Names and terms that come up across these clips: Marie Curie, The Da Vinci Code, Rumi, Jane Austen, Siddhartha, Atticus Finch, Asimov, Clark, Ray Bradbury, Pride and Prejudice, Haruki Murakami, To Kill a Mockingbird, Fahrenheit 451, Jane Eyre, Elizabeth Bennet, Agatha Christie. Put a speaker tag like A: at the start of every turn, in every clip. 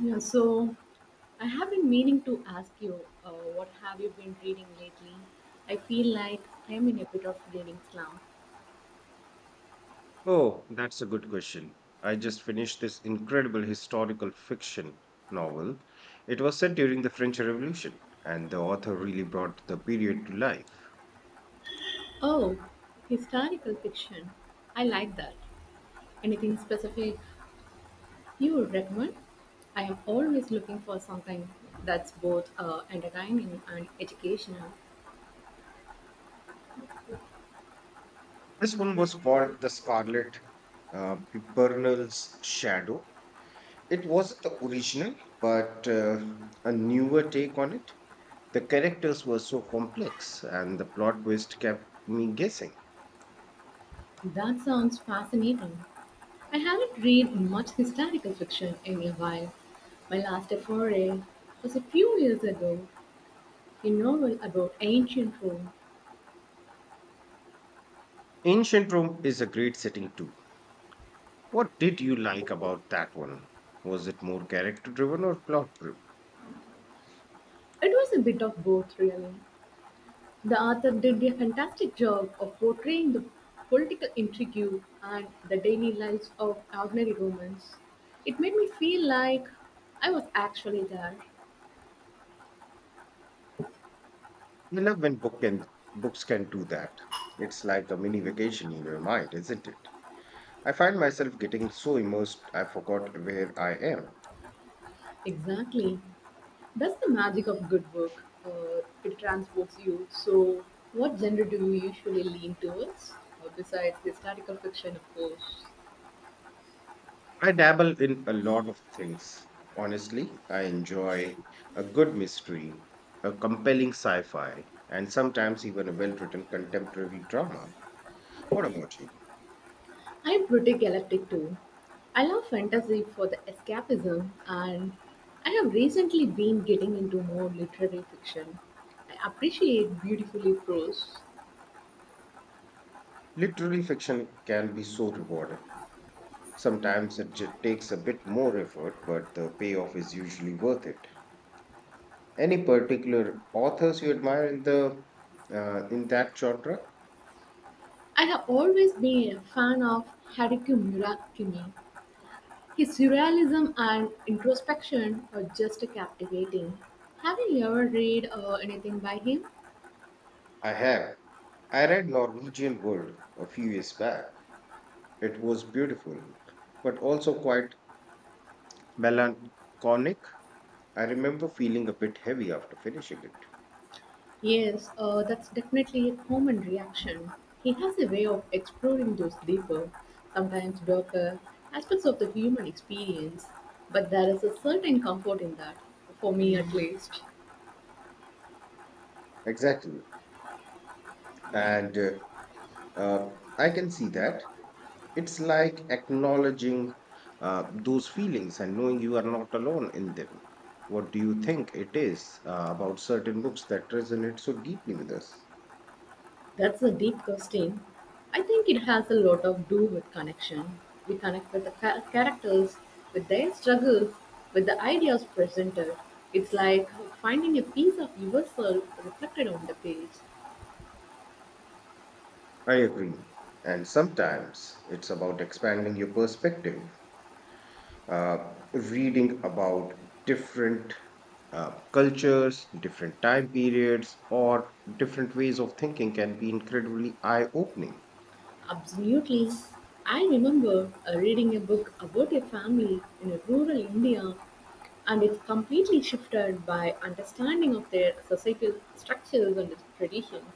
A: Yeah, so I have been meaning to ask you, what have you been reading lately? I feel like I am in a bit of reading slump.
B: Oh, that's a good question. I just finished this incredible historical fiction novel. It was set during the French Revolution, and the author really brought the period to life.
A: Oh, historical fiction. I like that. Anything specific you would recommend? I am always looking for something that's both entertaining and educational.
B: This one was called The Scarlet Pimpernel's Shadow. It wasn't the original, but a newer take on it. The characters were so complex, and the plot twist kept me guessing.
A: That sounds fascinating. I haven't read much historical fiction in a while. My last foray was a few years ago, a novel about ancient Rome.
B: Ancient Rome is a great setting too. What did you like about that one? Was it more character driven or plot driven?
A: It was a bit of both, really. The author did a fantastic job of portraying the political intrigue and the daily lives of ordinary Romans. It made me feel like I was actually there.
B: I love when book can, Books can do that. It's like a mini vacation in your mind, isn't it? I find myself getting so immersed I forgot where I am.
A: Exactly. That's the magic of good work. It transports you. So, what genre do you usually lean towards? Besides historical fiction, of course.
B: I dabble in a lot of things. Honestly, I enjoy a good mystery, a compelling sci fi, and sometimes even a well written contemporary drama. What about you?
A: I'm pretty galactic too. I love fantasy for the escapism, and I have recently been getting into more literary fiction. I appreciate beautifully prose.
B: Literary fiction can be so rewarding. Sometimes it takes a bit more effort, but the payoff is usually worth it. Any particular authors you admire in the in that genre?
A: I have always been a fan of Haruki Murakami. His surrealism and introspection are just captivating. Have you ever read anything by him?
B: I have. I read Norwegian Wood a few years back. It was beautiful, but also quite melancholic. I remember feeling a bit heavy after finishing it.
A: Yes, that's definitely a common reaction. He has a way of exploring those deeper, sometimes darker, aspects of the human experience, but there is a certain comfort in that, for me at least.
B: Exactly, and I can see that. It's like acknowledging those feelings and knowing you are not alone in them. What do you think it is about certain books that resonate so deeply with us?
A: That's a deep question. I think it has a lot of do with connection. We connect with the characters, with their struggles, with the ideas presented. It's like finding a piece of yourself reflected on the page.
B: I agree. And sometimes it's about expanding your perspective, reading about different cultures, different time periods, or different ways of thinking can be incredibly eye opening.
A: Absolutely. I remember reading a book about a family in a rural India and it completely shifted by understanding of their societal structures and traditions.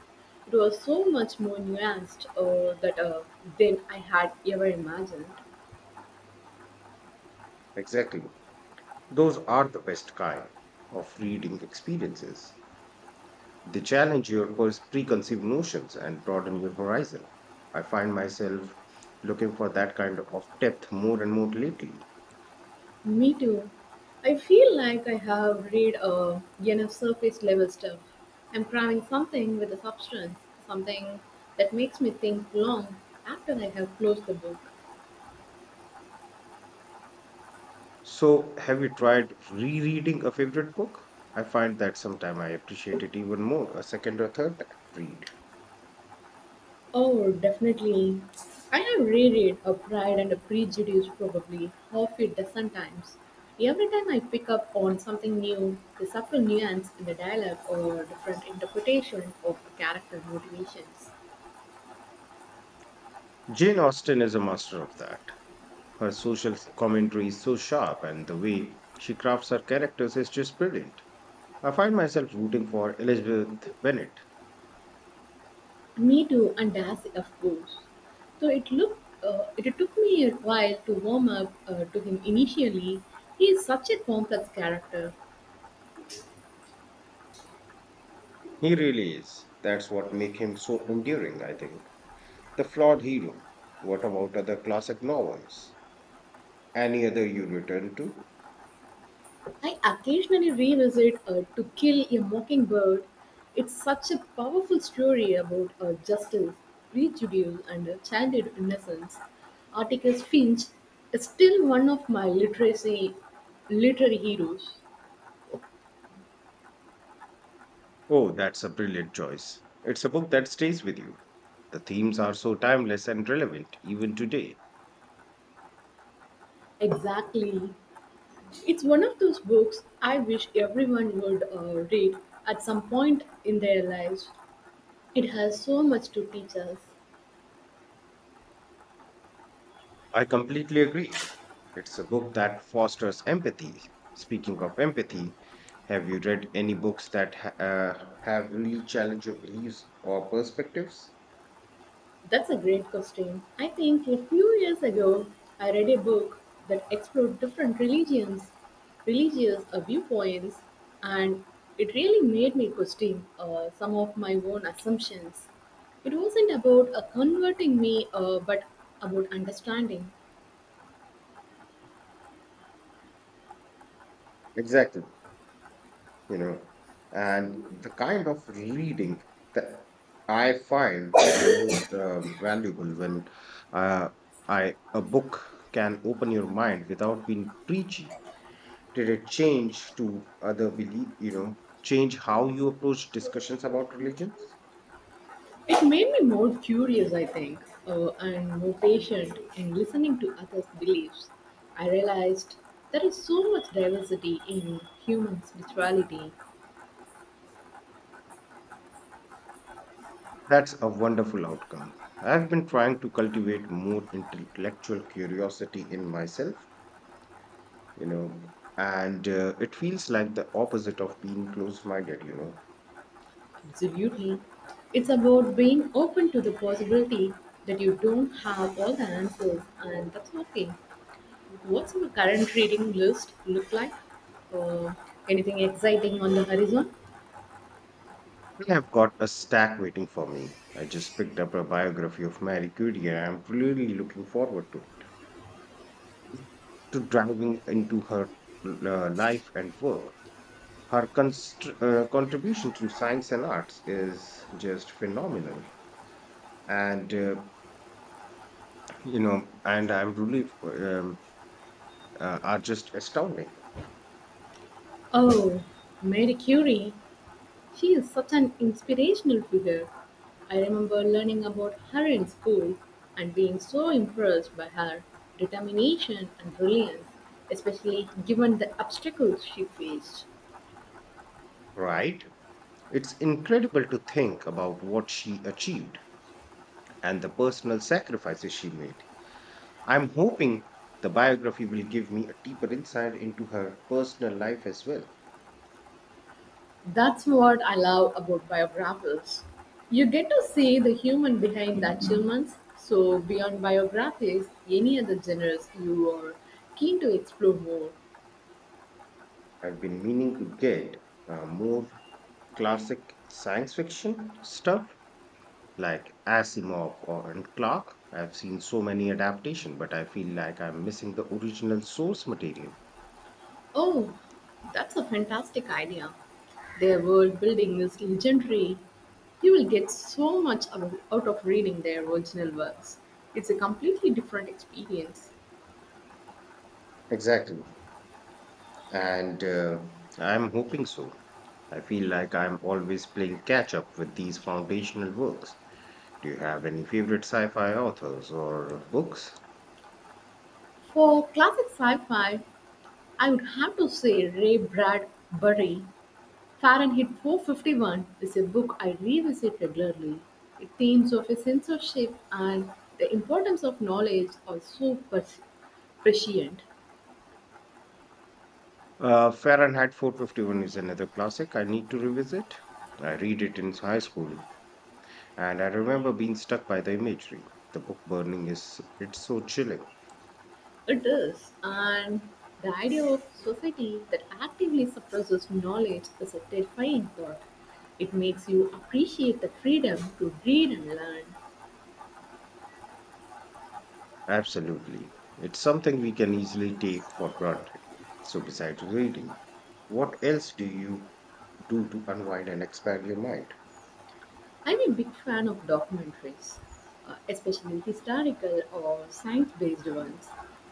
A: It was so much more nuanced that than I had ever imagined.
B: Exactly. Those are the best kind of reading experiences. They challenge your preconceived notions and broaden your horizon. I find myself looking for that kind of depth more and more lately.
A: Me too. I feel like I have read enough surface level stuff. I'm craving something with a substance, something that makes me think long after I have closed the book.
B: So, have you tried rereading a favorite book? I find that sometime I appreciate it even more a second or third read.
A: Oh, definitely. I have reread A Pride and a Prejudice probably half a dozen times. Every time I pick up on something new, the subtle nuance in the dialogue or different interpretation of the character motivations.
B: Jane Austen is a master of that. Her social commentary is so sharp, and the way she crafts her characters is just brilliant. I find myself rooting for Elizabeth Bennet.
A: Me too, and Darcy, of course. So it looked, it took me a while to warm up to him initially. He is such a complex character.
B: He really is. That's what makes him so enduring, I think. The Flawed Hero. What about other classic novels? Any other you return to?
A: I occasionally revisit To Kill a Mockingbird. It's such a powerful story about justice, prejudice, and childhood innocence. Atticus Finch is still one of my literary heroes.
B: Oh, that's a brilliant choice. It's a book that stays with you. The themes are so timeless and relevant even today.
A: Exactly. It's one of those books I wish everyone would read at some point in their lives. It has so much to teach us.
B: I completely agree. It's a book that fosters empathy. Speaking of empathy, have you read any books that have really challenged your beliefs or perspectives?
A: That's a great question. I think a few years ago, I read a book that explored different religious viewpoints, and it really made me question some of my own assumptions. It wasn't about converting me, but about understanding.
B: Exactly. You know, and the kind of reading that I find most valuable when, uh, I a book can open your mind without being preachy. Did it change to other belief, you know, change how you approach discussions about religions?
A: It made me more curious, I think, and more patient in listening to others' beliefs. I realized there is so much diversity in human spirituality.
B: That's a wonderful outcome. I've been trying to cultivate more intellectual curiosity in myself, you know, and it feels like the opposite of being closed minded, you know.
A: Absolutely. It's about being open to the possibility that you don't have all the answers, and that's okay. What's your current reading list look like? Or anything exciting on the horizon?
B: I have got a stack waiting for me. I just picked up a biography of Marie Curie and I'm really looking forward to it. To diving into her life and work. Her contribution to science and arts is just phenomenal. And, you know, and I'm really, are just astounding.
A: Oh, Mary Curie. She is such an inspirational figure. I remember learning about her in school and being so impressed by her determination and brilliance, especially given the obstacles she faced.
B: Right? It's incredible to think about what she achieved and the personal sacrifices she made. I'm hoping the biography will give me a deeper insight into her personal life as well.
A: That's what I love about biographies. You get to see the human behind the achievements. So, beyond biographies, any other genres you are keen to explore more?
B: I've been meaning to get more classic science fiction stuff like Asimov or and Clark. I've seen so many adaptations, but I feel like I'm missing the original source material.
A: Oh, that's a fantastic idea. Their world building is legendary. You will get so much out of reading their original works. It's a completely different experience.
B: Exactly. And I'm hoping so. I feel like I'm always playing catch up with these foundational works. Do you have any favorite sci-fi authors or books?
A: For classic sci fi, I would have to say Ray Bradbury. Fahrenheit 451 is a book I revisit regularly. The themes of a censorship and the importance of knowledge are so prescient.
B: Fahrenheit 451 is another classic I need to revisit. I read it in high school, and I remember being stuck by the imagery. The book burning is it's so chilling.
A: It is, and the idea of society that actively suppresses knowledge is a terrifying thought. It makes you appreciate the freedom to read and learn.
B: Absolutely. It's something we can easily take for granted. So besides reading, what else do you do to unwind and expand your mind?
A: I'm a big fan of documentaries, especially historical or science based ones.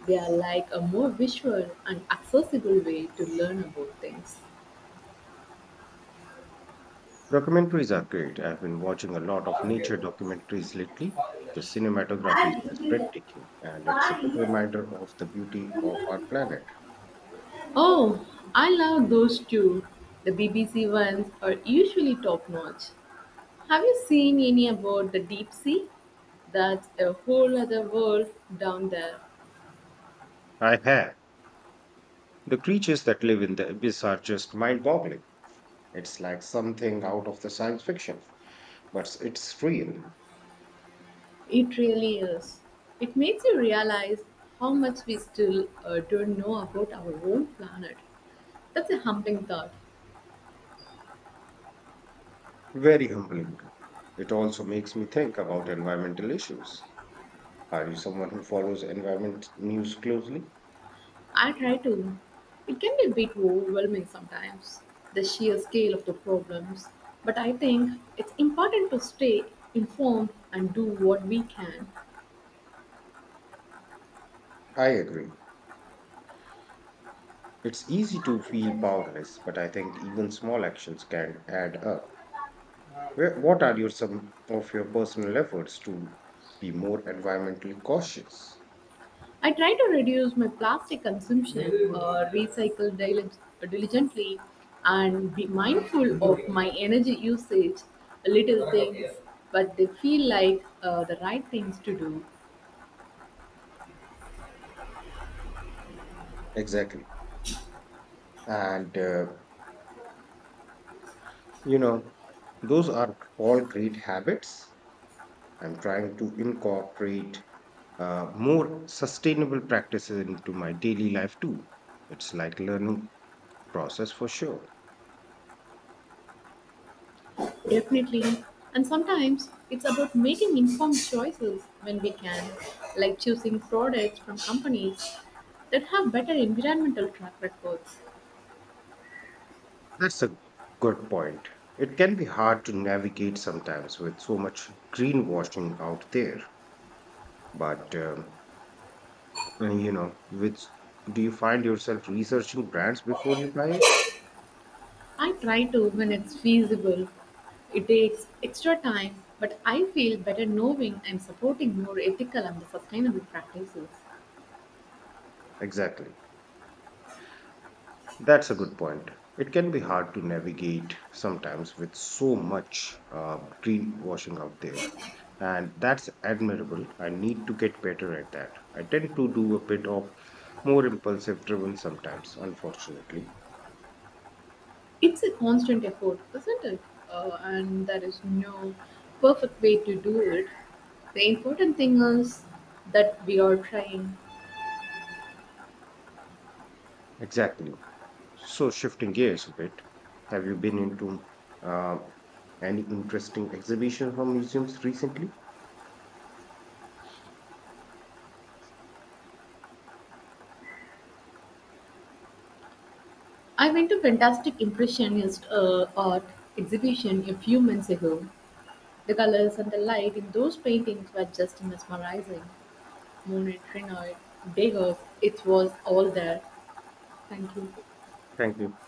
A: They are like a more visual and accessible way to learn about things.
B: Documentaries are great. I've been watching a lot of nature documentaries lately. The cinematography is just breathtaking, and it's a good reminder of the beauty of our planet.
A: Oh, I love those too. The BBC ones are usually top notch. Have you seen any about the deep sea? That's a whole other world down there.
B: I have. The creatures that live in the abyss are just mind boggling. It's like something out of the science fiction, but it's real.
A: It really is. It makes you realize how much we still don't know about our own planet. That's a humbling thought.
B: Very humbling. It also makes me think about environmental issues. Are you someone who follows environment news closely?
A: I try to. It can be a bit overwhelming sometimes, the sheer scale of the problems. But I think it's important to stay informed and do what we can.
B: I agree. It's easy to feel powerless, but I think even small actions can add up. What are your some of your personal efforts to be more environmentally cautious?
A: I try to reduce my plastic consumption, diligently, and be mindful of my energy usage. Little things, but they feel like the right things to do.
B: Exactly. And you know, those are all great habits. I'm trying to incorporate more sustainable practices into my daily life too. It's like learning process for sure.
A: Definitely. And sometimes it's about making informed choices when we can, like choosing products from companies that have better environmental track records.
B: That's a good point. It can be hard to navigate sometimes with so much greenwashing out there. But, and, you know, which do you find yourself researching brands before you buy it?
A: I try to when it's feasible. It takes extra time, but I feel better knowing I'm supporting more ethical and sustainable practices.
B: Exactly. That's a good point. It can be hard to navigate sometimes with so much greenwashing out there. And that's admirable. I need to get better at that. I tend to do a bit of more impulsive driven sometimes, unfortunately.
A: It's a constant effort, isn't it? And there is no perfect way to do it. The important thing is that we are trying.
B: Exactly. So, shifting gears a bit, have you been into uh, any interesting exhibitions or museums recently?
A: I went to fantastic impressionist art exhibition a few months ago. The colors and the light in those paintings were just mesmerizing. Mountaineer beggars, it was all there. Thank you.
B: Thank you.